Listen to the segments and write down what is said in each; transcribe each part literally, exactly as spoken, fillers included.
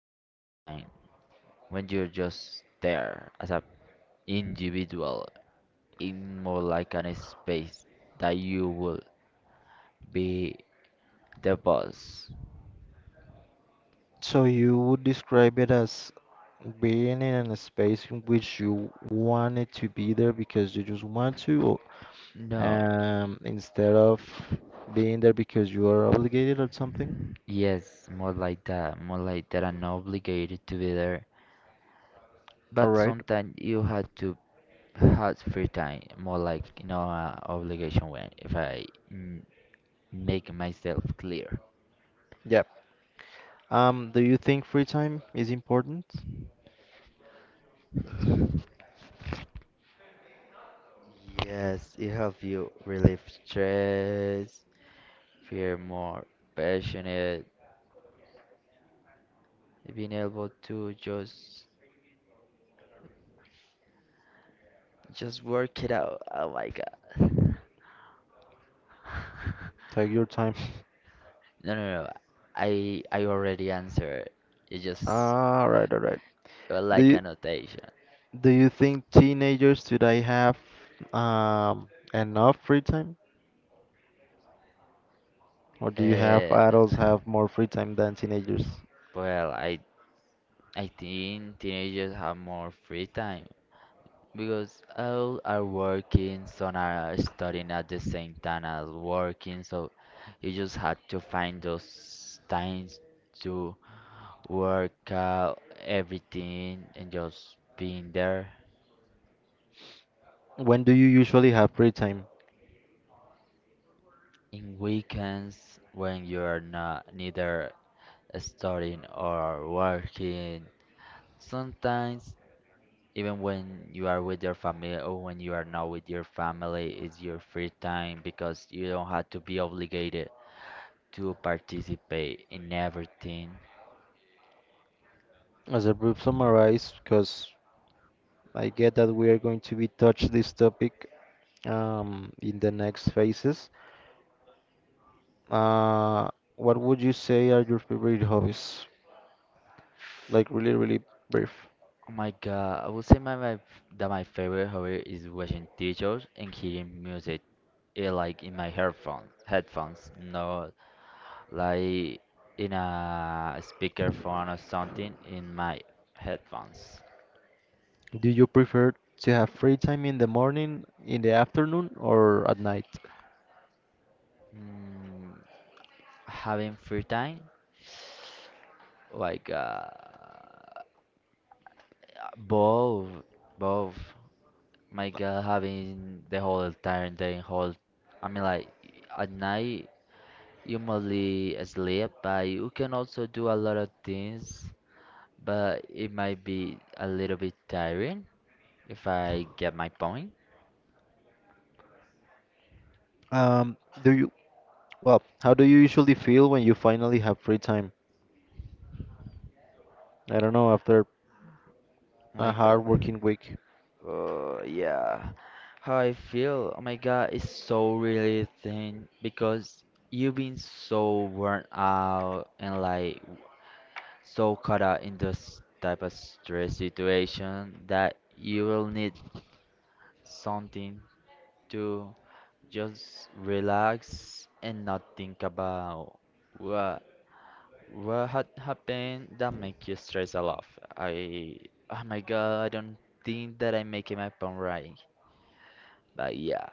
your free time when you're just there as a individual in more like an space that you will be the boss. So you would describe it as being in a space in which you wanted to be there because you just want to, or, No, um, instead of being there because you are obligated or something. yes, more like that, more like that I'm not obligated to be there. All But right. sometimes you have to have free time, more like you know, uh, obligation when if I mm, make myself clear. Yeah. Um, do you think free time is important? Yes, it helps you relieve stress, feel more passionate, being able to just just work it out. Oh my God. Take your time. No, no, no. I I already answered. It just All right, all right. uh, Do like you annotation. do you think teenagers today have um enough free time, or do you have Uh, adults have more free time than teenagers? well, I I think teenagers have more free time because all are working, some are studying at the same time as working, so you just had to find those times to work out everything and just being there. When do you usually have free time? In weekends when you're not neither studying or working, sometimes even when you are with your family or when you are not with your family, is your free time because you don't have to be obligated to participate in everything. As a brief summarize, because I get that we are going to be touch this topic um in the next phases. Uh, what would you say are your favorite hobbies? Like really, really brief. Oh my god, I would say my, my that my favorite hobby is watching teachers and hearing music. Eh, like in my headphone headphones, not like in a speakerphone or something in my headphones. Do you prefer to have free time in the morning, in the afternoon, or at night? Mm, Having free time like uh both both my God, having the whole entire day, whole I mean like at night you mostly sleep, but you can also do a lot of things, but it might be a little bit tiring, if I get my point. Um, do you, well, how do you usually feel when you finally have free time? I don't know, after a My God. hard working week. Uh, yeah. How I feel, oh my God, it's so really thin because you've been so worn out and like so caught up in this type of stress situation that you will need something to just relax and not think about what what had happened that make you stress a lot. I, oh my God, I don't think that I'm making my point right, but yeah.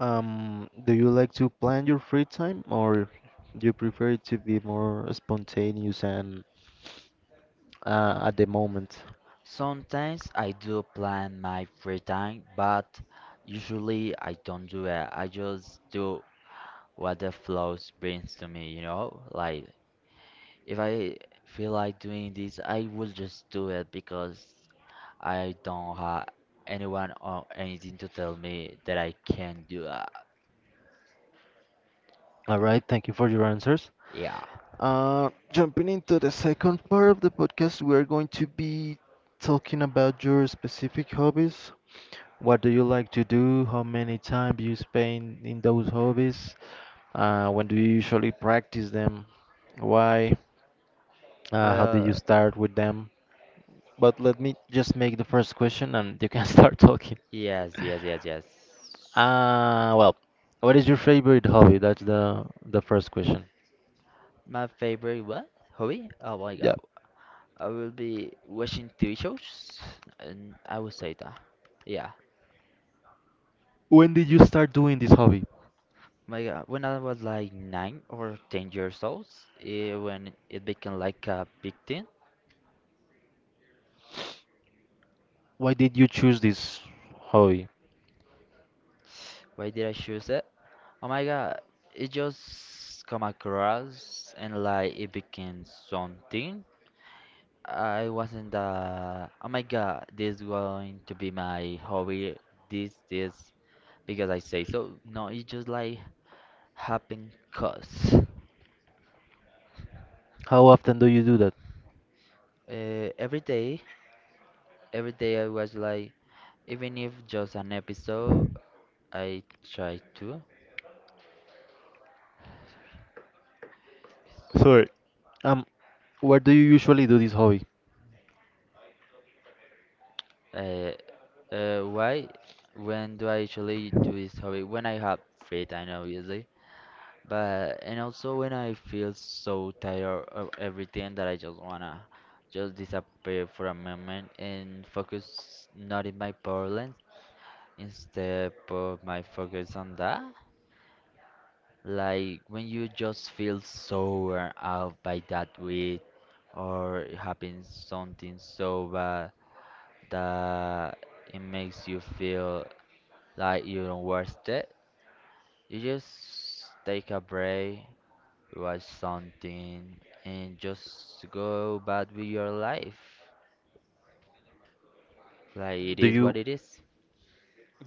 Um, do you like to plan your free time or do you prefer it to be more spontaneous and uh, at the moment? Sometimes I do plan my free time, but usually I don't do it. I just do what the flows brings to me, you know? Like if I feel like doing this, I will just do it because I don't have anyone or anything to tell me that I can do that. All right, thank you for your answers. Yeah. Uh, jumping into the second part of the podcast, we are going to be talking about your specific hobbies. What do you like to do? How many time you spend in those hobbies? Uh, when do you usually practice them? Why? Uh, how did you Well, start with them? But let me just make the first question and you can start talking. yes, yes, yes, yes. Uh, well, what is your favorite hobby? That's the the first question. My favorite what? Hobby? Oh my Yeah. god. I will be watching T V shows, and I would say that. Yeah. When did you start doing this hobby? My God, when I was like nine or ten years old, eh, when it became like a big thing. Why did you choose this hobby? Why did I choose it? Oh my God, it just come across and like it became something. I wasn't the. Oh my God, this going to be my hobby. This this because I say so. No, it just like happened cause. How often do you do that? Uh, every day Every day I was like, even if just an episode, I try to. Sorry. Um, where do you usually do this hobby? Uh, uh, why? When do I usually do this hobby? When I have free time, obviously. But and also when I feel so tired of everything that I just wanna just disappear for a moment and focus not in my problems instead of my focus on that. Like when you just feel so worn out by that week, or it happens something so bad that it makes you feel like you don't worth it, you just take a break, watch something, and just go back with your life. Like it Do is you what it is.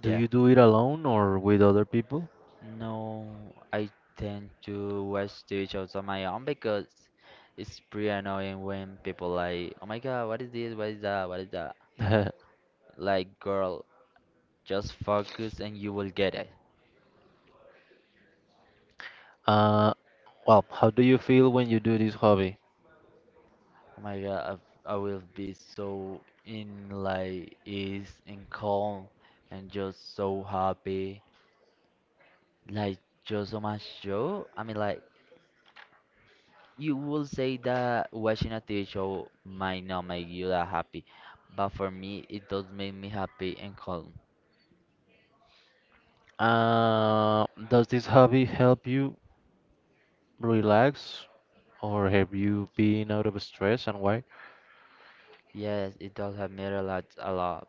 do you do it alone or with other people? No, I tend to watch T V shows on my own because it's pretty annoying when people like, oh my god, what is this? What is that? What is that? uh, Like, girl, just focus and you will get it. well, how do you feel when you do this hobby? Oh my god, I, I will be so in like ease and calm and just so happy. Like, just so much show. I mean, like, you will say that watching a T V show might not make you that happy, but for me, it does make me happy and calm. Uh, does this hobby help you relax or have you been out of stress and why? Yes, it does help me relax a lot.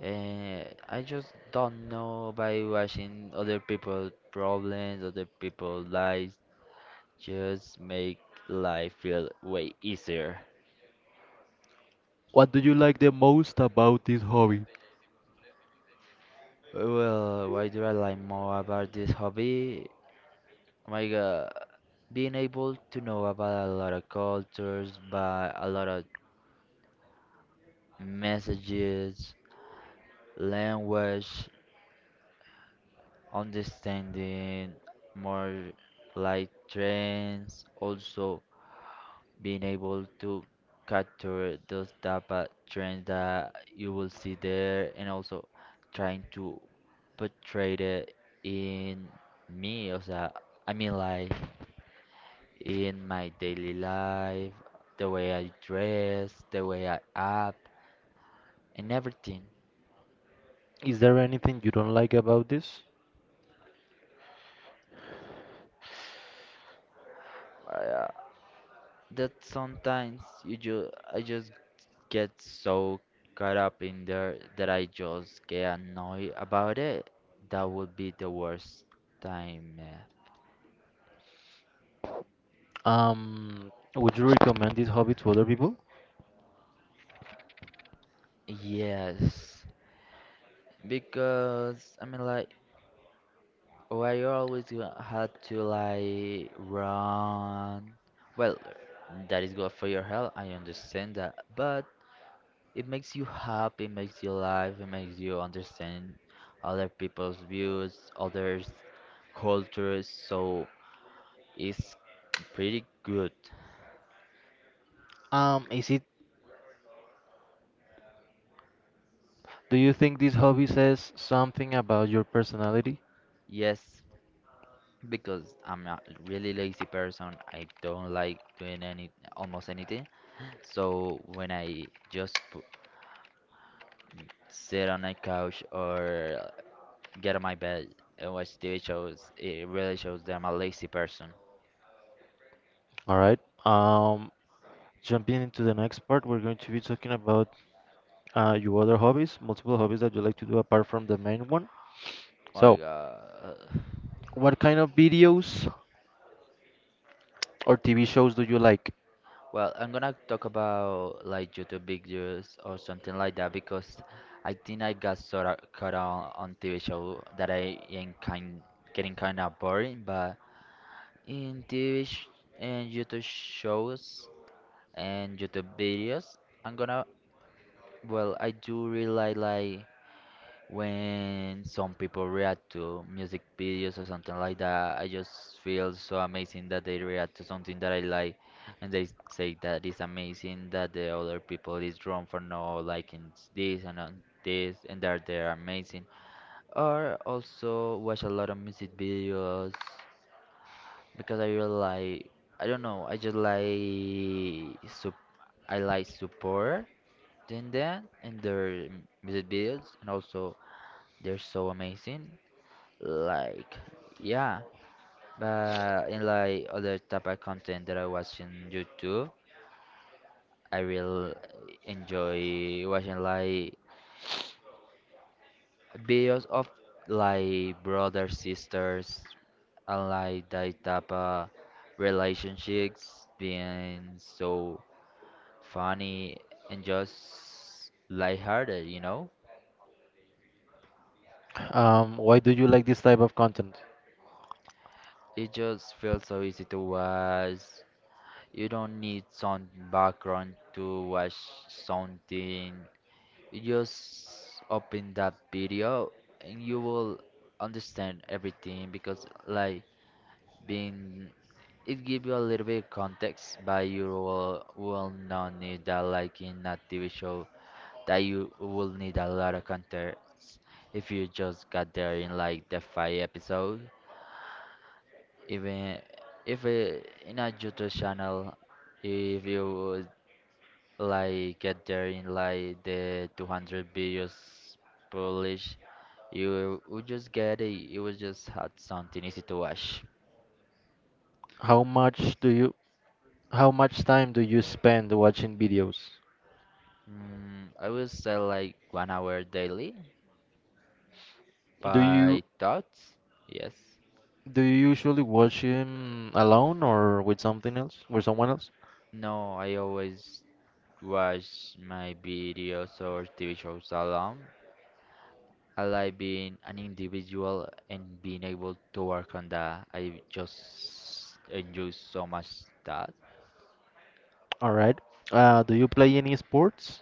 And I just don't know, by watching other people's problems, other people's lives, just make life feel way easier. What do you like the most about this hobby? Well, why do I like more about this hobby? Oh my god, being able to know about a lot of cultures, but a lot of messages, language, understanding more like trends, also being able to capture those data trends that you will see there and also trying to portray it in me, o sea, I mean like in my daily life, the way I dress, the way I act, and everything. Is there anything you don't like about this? Oh, yeah. That sometimes you just I just get so caught up in there that I just get annoyed about it. That would be the worst time. eh. Um, would you recommend this hobby to other people? Yes, because I mean like why you always gonna had to like run. Well, that is good for your health. I understand that, but it makes you happy, it makes you laugh, it makes you understand other people's views, others' cultures, so it's pretty good. Um, is it, do you think this hobby says something about your personality? Yes, because I'm a really lazy person, I don't like doing any almost anything. So when I just pu- sit on a couch or get on my bed and watch T V shows, it really shows that I'm a lazy person. All right. Um, Jumping into the next part, we're going to be talking about uh, your other hobbies, multiple hobbies that you like to do apart from the main one. Oh my So, God. what kind of videos or T V shows do you like? Well, I'm gonna talk about like YouTube videos or something like that because I think I got sort of caught on on T V show that I am kind getting kind of boring. But in T V sh and YouTube shows and YouTube videos, I'm gonna well, I do really like like when some people react to music videos or something like that. I just feel so amazing that they react to something that I like and they say that it's amazing, that the other people is wrong for not liking this and on this and that they're amazing. Or also watch a lot of music videos because I really like, I don't know, I just like sup I like support in them and their music videos, and also they're so amazing, like, yeah. But in like other type of content that I watch in YouTube, I will enjoy watching like videos of like brothers, sisters, and like that type of relationships being so funny and just lighthearted, you know? Um, why do you like this type of content? It just feels so easy to watch. You don't need some background to watch something, just open that video and you will understand everything because like being it give you a little bit of context, but you will, will not need that like in a T V show, that you will need a lot of context if you just got there in like the five episode. Even if it, in a YouTube channel, if you would, like get there in like the two hundred videos published, you would just get it. You would just had something easy to watch. How much do you, how much time do you spend watching videos? Mm, I would say like one hour daily Do you by thoughts. Yes. do you usually watch him alone or with something else, with someone else? No, I always watch my videos or T V shows alone. I like being an individual and being able to work on that. I just enjoy so much that. All right. Uh, do you play any sports?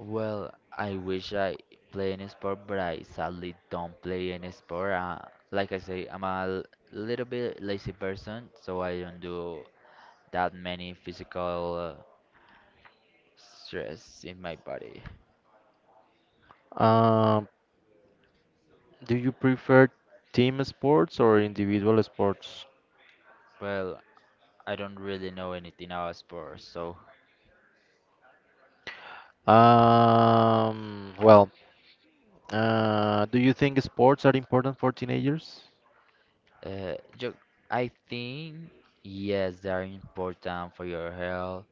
Well, I wish I play any sport, but I sadly don't play any sport. Uh, like I say, I'm a l- little bit lazy person, so I don't do that many physical uh, stress in my body. Uh, do you prefer team sports or individual sports? Well, I don't really know anything about sports, so Um, well, Uh, do you think sports are important for teenagers? uh, ju- I think yes, they are important for your health,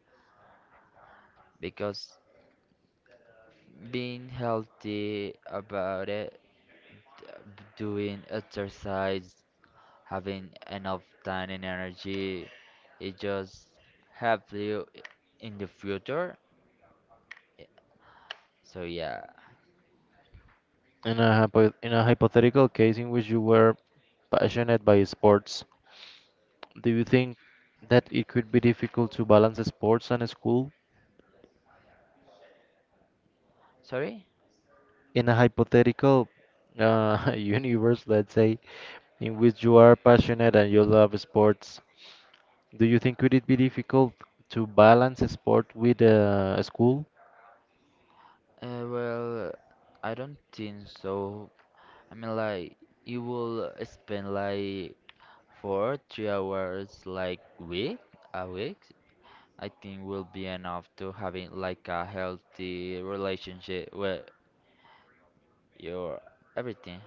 because being healthy about it, uh, b- doing exercise, having enough time and energy, it just help you i- in the future. I- so yeah. In a hypo in a hypothetical case in which you were passionate by sports, do you think that it could be difficult to balance sports and school? Sorry. In a hypothetical uh, universe, let's say, in which you are passionate and you love sports, do you think could it be difficult to balance sport with uh, school? Uh, well, I don't think so. I mean like you will spend like four three hours like week a week, I think will be enough to having like a healthy relationship with your everything.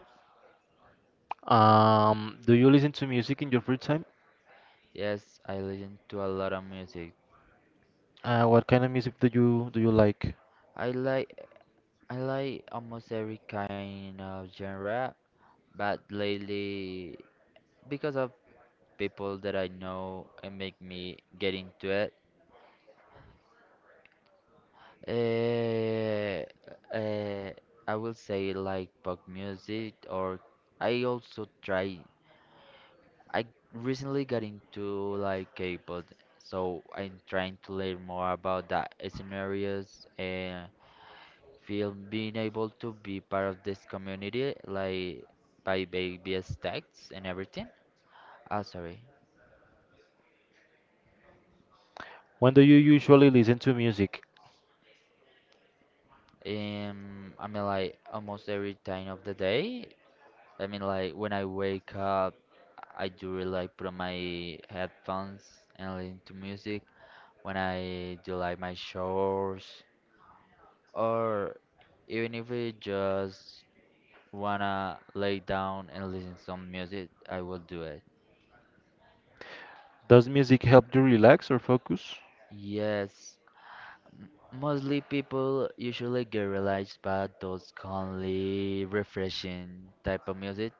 Um, do you listen to music in your free time? Yes, I listen to a lot of music. Uh, what kind of music do you do you like? i like I like almost every kind of genre, but lately, because of people that I know and make me get into it, eh, eh, I will say like pop music. Or I also try. I recently got into like K-pop, so I'm trying to learn more about that scenarios and feel being able to be part of this community, like by baby steps and everything. Ah, sorry. When do you usually listen to music? Um, I mean, like almost every time of the day. I mean, like when I wake up, I do really like put on my headphones and listen to music. When I do like my showers, or even if I just wanna lay down and listen some music, I will do it. Does music help you relax or focus? Yes, mostly people usually get relaxed by those calmly refreshing type of music,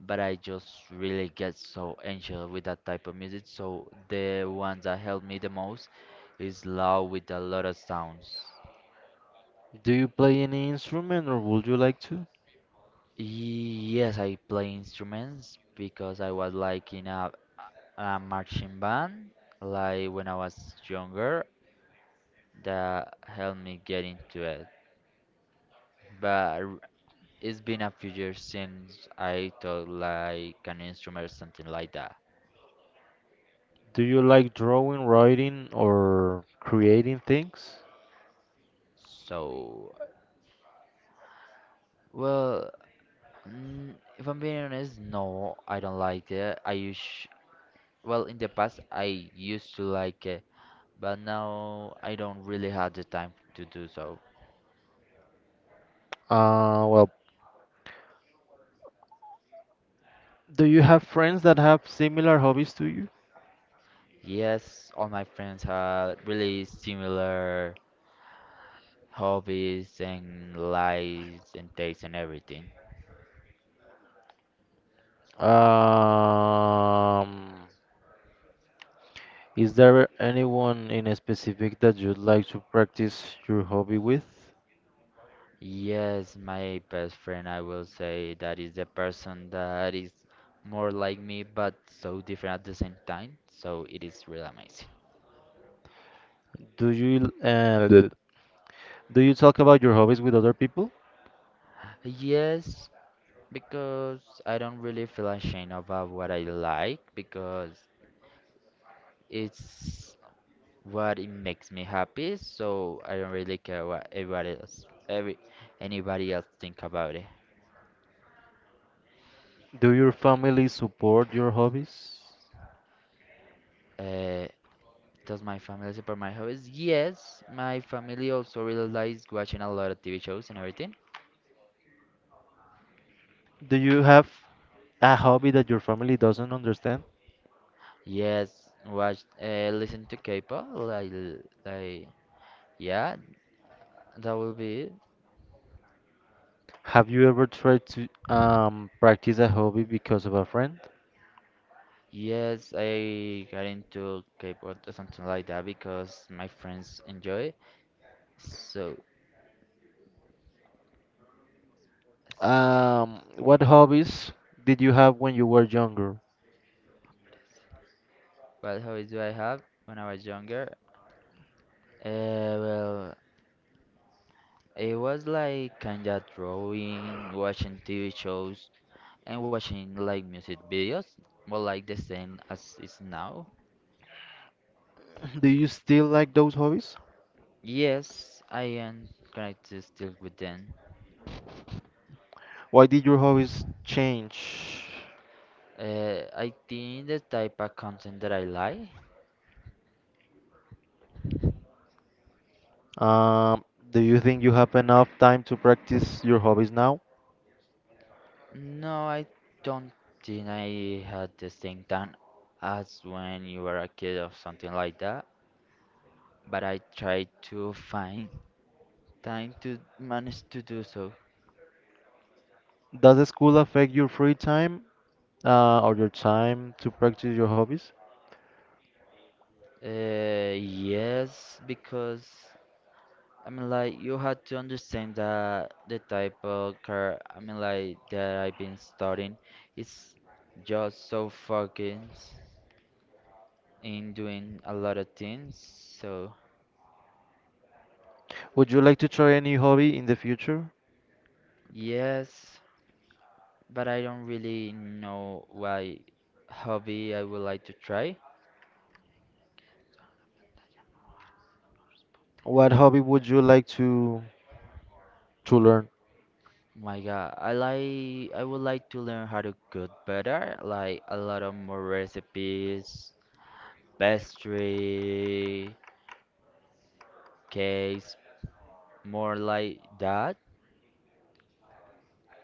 but I just really get so anxious with that type of music, so the ones that help me the most is loud with a lot of sounds. Do you play any instrument or would you like to? Yes, I play instruments because I was like in a, a marching band, like when I was younger, that helped me get into it. But it's been a few years since I taught like an instrument or something like that. Do you like drawing, writing, or creating things? So, well, mm, if I'm being honest, no, I don't like it. I used, well, in the past I used to like it, but now I don't really have the time to do so. Uh, well, do you have friends that have similar hobbies to you? Yes, all my friends have really similar hobbies and lives and tastes and everything. Um, is there anyone in a specific that you'd like to practice your hobby with? Yes, my best friend, I will say, that is the person that is more like me but so different at the same time. So it is really amazing. Do you uh, Good. Do you talk about your hobbies with other people? Yes, because I don't really feel ashamed about what I like because it's what it makes me happy. So I don't really care what everybody else, every anybody else think about it. Do your family support your hobbies? Uh, Does my family support my hobbies? Yes, my family also really likes watching a lot of T V shows and everything. Do you have a hobby that your family doesn't understand? Yes, watch, uh, listen to K-pop, like, like, yeah, that will be it. Have you ever tried to um, practice a hobby because of a friend? Yes, I got into K-pop or something like that because my friends enjoy it. So, Um, what hobbies did you have when you were younger? what hobbies do I have when I was younger? Uh, well, it was like kinda drawing, watching T V shows, and watching like music videos, more like the same as is now. Do you still like those hobbies? Yes, I am connected still with them. Why did your hobbies change? Uh, I think the type of content that I like. Um, do you think you have enough time to practice your hobbies now? No, I don't think I had the same time as when you were a kid or something like that. But I try to find time to manage to do so. Does school affect your free time uh, or your time to practice your hobbies? Uh, yes, because I mean, like, you have to understand that the type of car I mean, like, that I've been studying is just so focused in doing a lot of things. So Would you like to try any hobby in the future? yes, but I don't really know why hobby I would like to try. What hobby would you like to to learn? My God, I like I would like to learn how to cook better, like a lot of more recipes, pastry, cakes, more like that.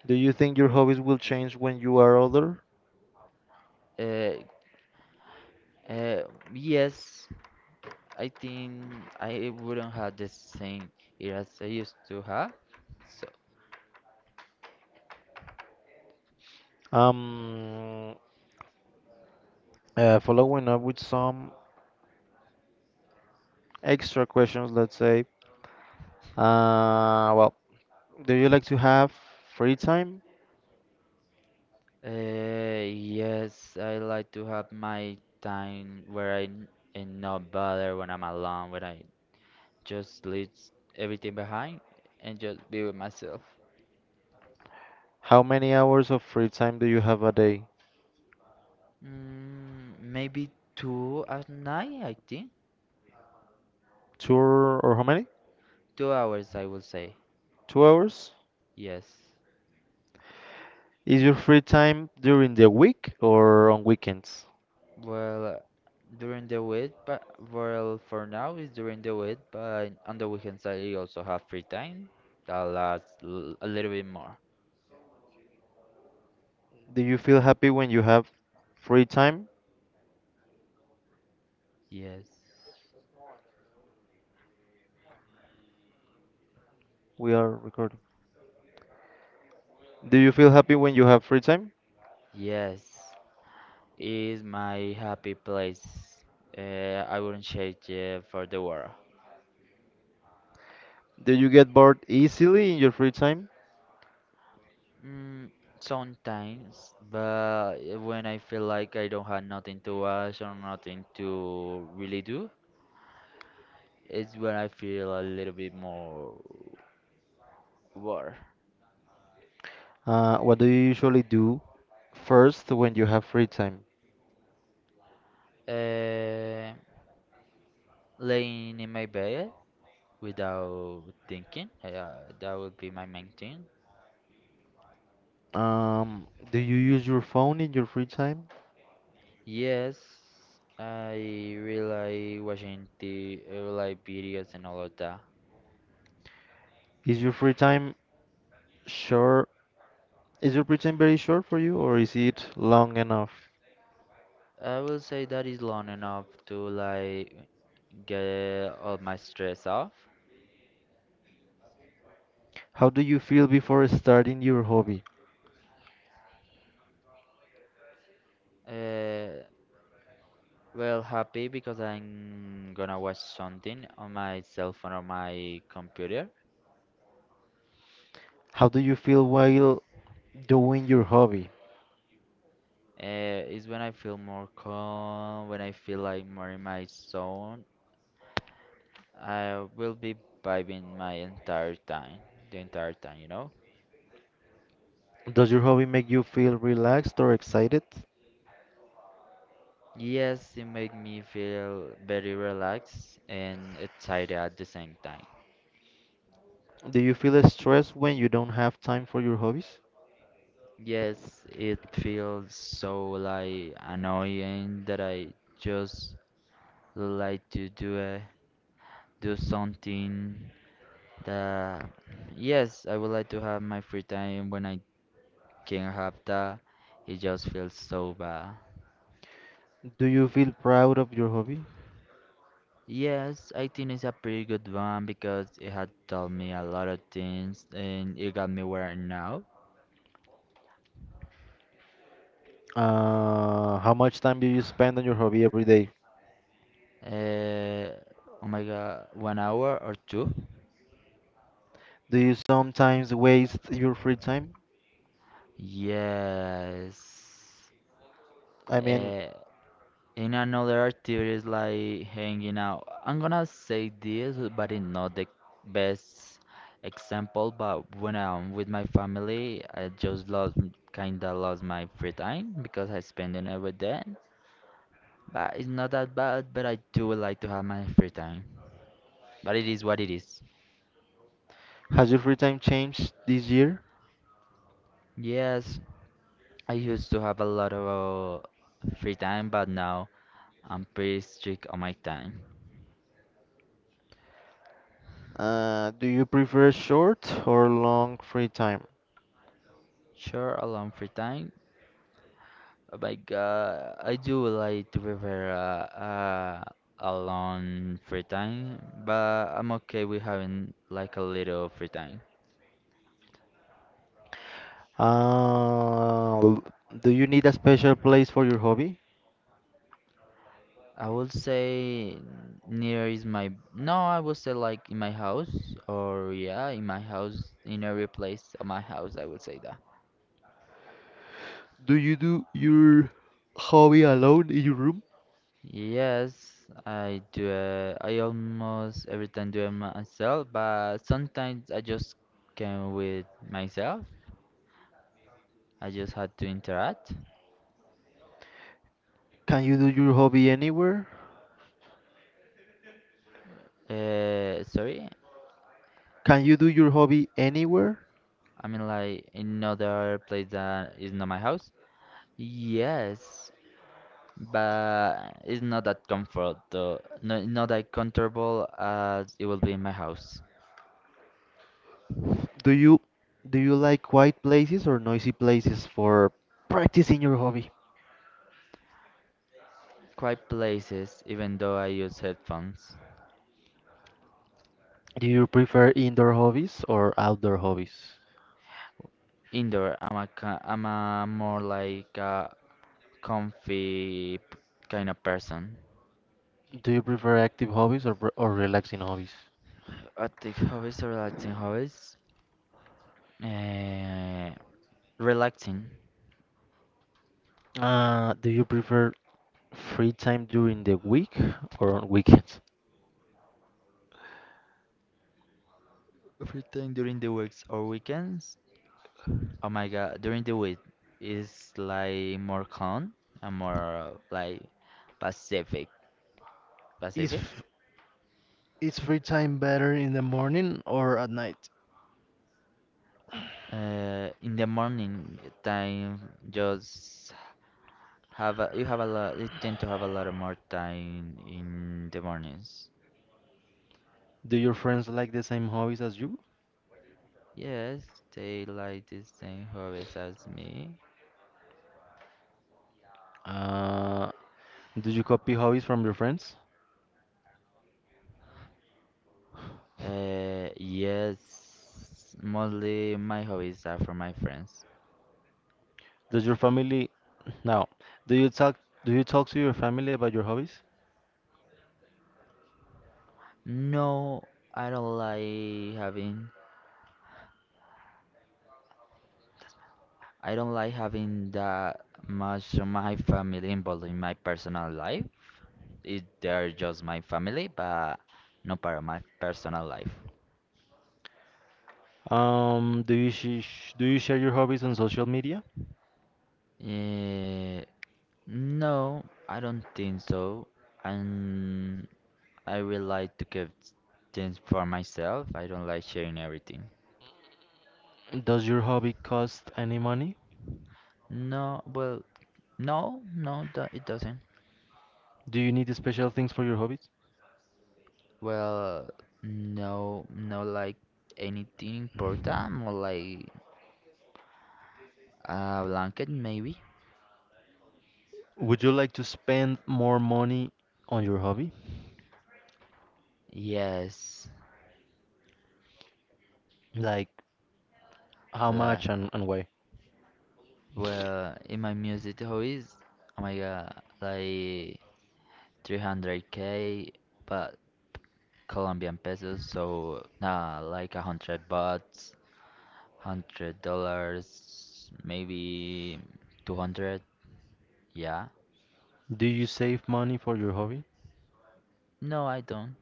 Do you think your hobbies will change when you are older? Uh, uh, yes, I think I wouldn't have the same ear as I used to have. So, Um, uh, Following up with some extra questions, let's say, uh, well, do you like to have free time? uh, yes, I like to have my time where I n- am not bothered when I'm alone, when I just leave everything behind and just be with myself. How many hours of free time do you have a day? Mm, maybe two at night, I think. Two or or how many? Two hours, I will say. Two hours? Yes. Is your free time during the week or on weekends? Well, uh, during the week, but well, for now it's during the week, but on the weekends I also have free time that lasts l a little bit more. Do you feel happy when you have free time? Yes, We are recording. Do you feel happy when you have free time? yes, is my happy place. Uh, I wouldn't change it, yeah, for the world. Do you get bored easily in your free time? Mm, sometimes, but when I feel like I don't have nothing to watch or nothing to really do, it's when I feel a little bit more bored. Uh, what do you usually do first when you have free time? Uh, Laying in my bed without thinking. Uh, that would be my main thing. Um, do you use your phone in your free time? Yes, I really like watching the uh, like videos and all of that. Is your free time short? Is your free time very short for you, or is it long enough? I will say that is long enough to like get all my stress off. How do you feel before starting your hobby? Uh, well, happy because I'm gonna watch something on my cell phone or my computer. How do you feel while doing your hobby? Uh, it's when I feel more calm, when I feel like more in my zone. I will be vibing my entire time, the entire time, you know? Does your hobby make you feel relaxed or excited? Yes, it make me feel very relaxed and excited at the same time. Do you feel stressed when you don't have time for your hobbies? Yes, it feels so like annoying that I just like to do a, do something that yes, I would like to have my free time when I King Hafta. It just feels so bad. Do you feel proud of your hobby? Yes, I think it's a pretty good one because it had taught me a lot of things and it got me where I'm now. Uh, how much time do you spend on your hobby every day? Uh, oh my god, one hour or two? Do you sometimes waste your free time? Yes. I mean, Uh. In another activities like hanging out. I'm gonna say this, but it's not the best example. But when I'm with my family, I just lost kinda lost my free time because I spend it every day. But it's not that bad. But I do like to have my free time. But it is what it is. has your free time changed this year? Yes, I used to have a lot of uh, free time, but now I'm pretty strict on my time. Uh, do you prefer short or long free time? Sure, a lot of free time. Oh my God, I do like to prepare uh, uh, a long free time, but I'm okay with having like a little free time. Uh, l- do you need a special place for your hobby? I would say near is my no, I would say like in my house or yeah, in my house, in every place of my house, I would say that. Do you do your hobby alone in your room? Yes, I do it. I almost every time do it myself, but sometimes I just came with myself. I just had to interact. Can you do your hobby anywhere? Uh, sorry, Can you do your hobby anywhere? I mean like another place that is not my house. Yes, but it's not that comfort though. No, not that comfortable as it will be in my house. Do you do you like quiet places or noisy places for practicing your hobby? Quiet places, even though I use headphones. Do you prefer indoor hobbies or outdoor hobbies? Indoor, I'm a ki- I'm a more like a comfy p- kind of person. Do you prefer active hobbies or, or relaxing hobbies? Active hobbies or relaxing hobbies? Uh, Relaxing. Uh, do you prefer free time during the week or on weekends? Free time during the weeks or weekends? Oh my God, during the week it's like more calm and more like Pacific. Is Pacific? f- is free time better in the morning or at night? Uh, in the morning time, just have a, you have a lot. You tend to have a lot of more time in the mornings. Do your friends like the same hobbies as you? Yes, they like the same hobbies as me. Uh, do you copy hobbies from your friends? Uh, yes, mostly my hobbies are from my friends. Does your family now, do you talk do you talk to your family about your hobbies? No, I don't like having I don't like having that much of my family involved in my personal life. It, they're just my family, but not part of my personal life. Um, do you sh sh- do you share your hobbies on social media? Eh, no, I don't think so. And I really like to keep things for myself. I don't like sharing everything. Does your hobby cost any money? No, well, no, no, do- it doesn't. Do you need special things for your hobbies? Well, no, no, like anything important, more like a blanket maybe. Would you like to spend more money on your hobby? Yes, Like how like much and, and why? well, in my music hobbies, oh my god, like three hundred k, but Colombian pesos, so nah, like a hundred bucks, hundred dollars, maybe two hundred. Yeah. Do you save money for your hobby? No, I don't.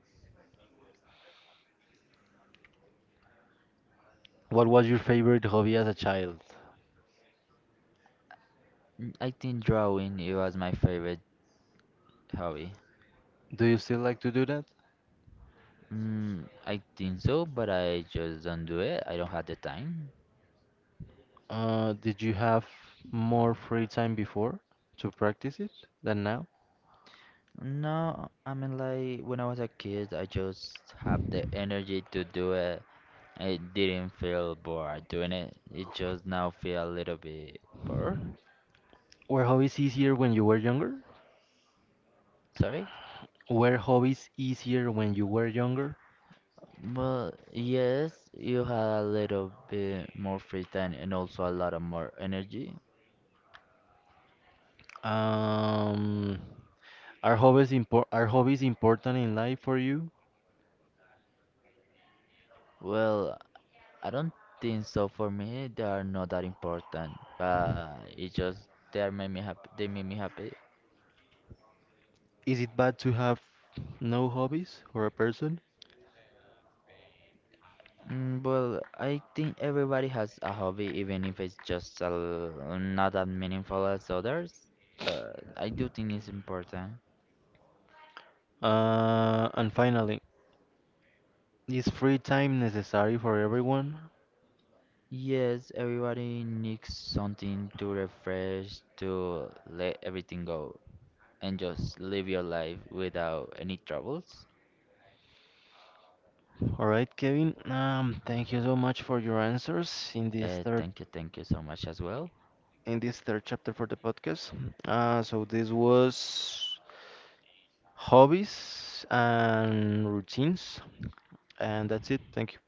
What was your favorite hobby as a child? Mm, I think drawing it was my favorite hobby. Do you still like to do that? Mm, I think so, but I just don't do it. I don't have the time. Uh, did you have more free time before to practice it than now? No, I mean like when I was a kid, I just have the energy to do it. It didn't feel bored doing it. It just now feel a little bit bored. Were hobbies easier when you were younger? Sorry. Were hobbies easier when you were younger? Well, yes, you had a little bit more free time and also a lot of more energy. Um, Are hobbies impor are hobbies important in life for you? Well, I don't think so. For me, they are not that important, but it just they are made me happy. They made me happy. Is it bad to have no hobbies for a person? Mm, Well, I think everybody has a hobby, even if it's just a, l- not that meaningful as others. But I do think it's important. Uh, and finally, is free time necessary for everyone? Yes, everybody needs something to refresh, to let everything go, and just live your life without any troubles. All right, Kevin. Um, thank you so much for your answers in this Uh, third thank you, thank you so much as well. in this third chapter for the podcast. Uh, so this was hobbies and routines, and that's it. Thank you.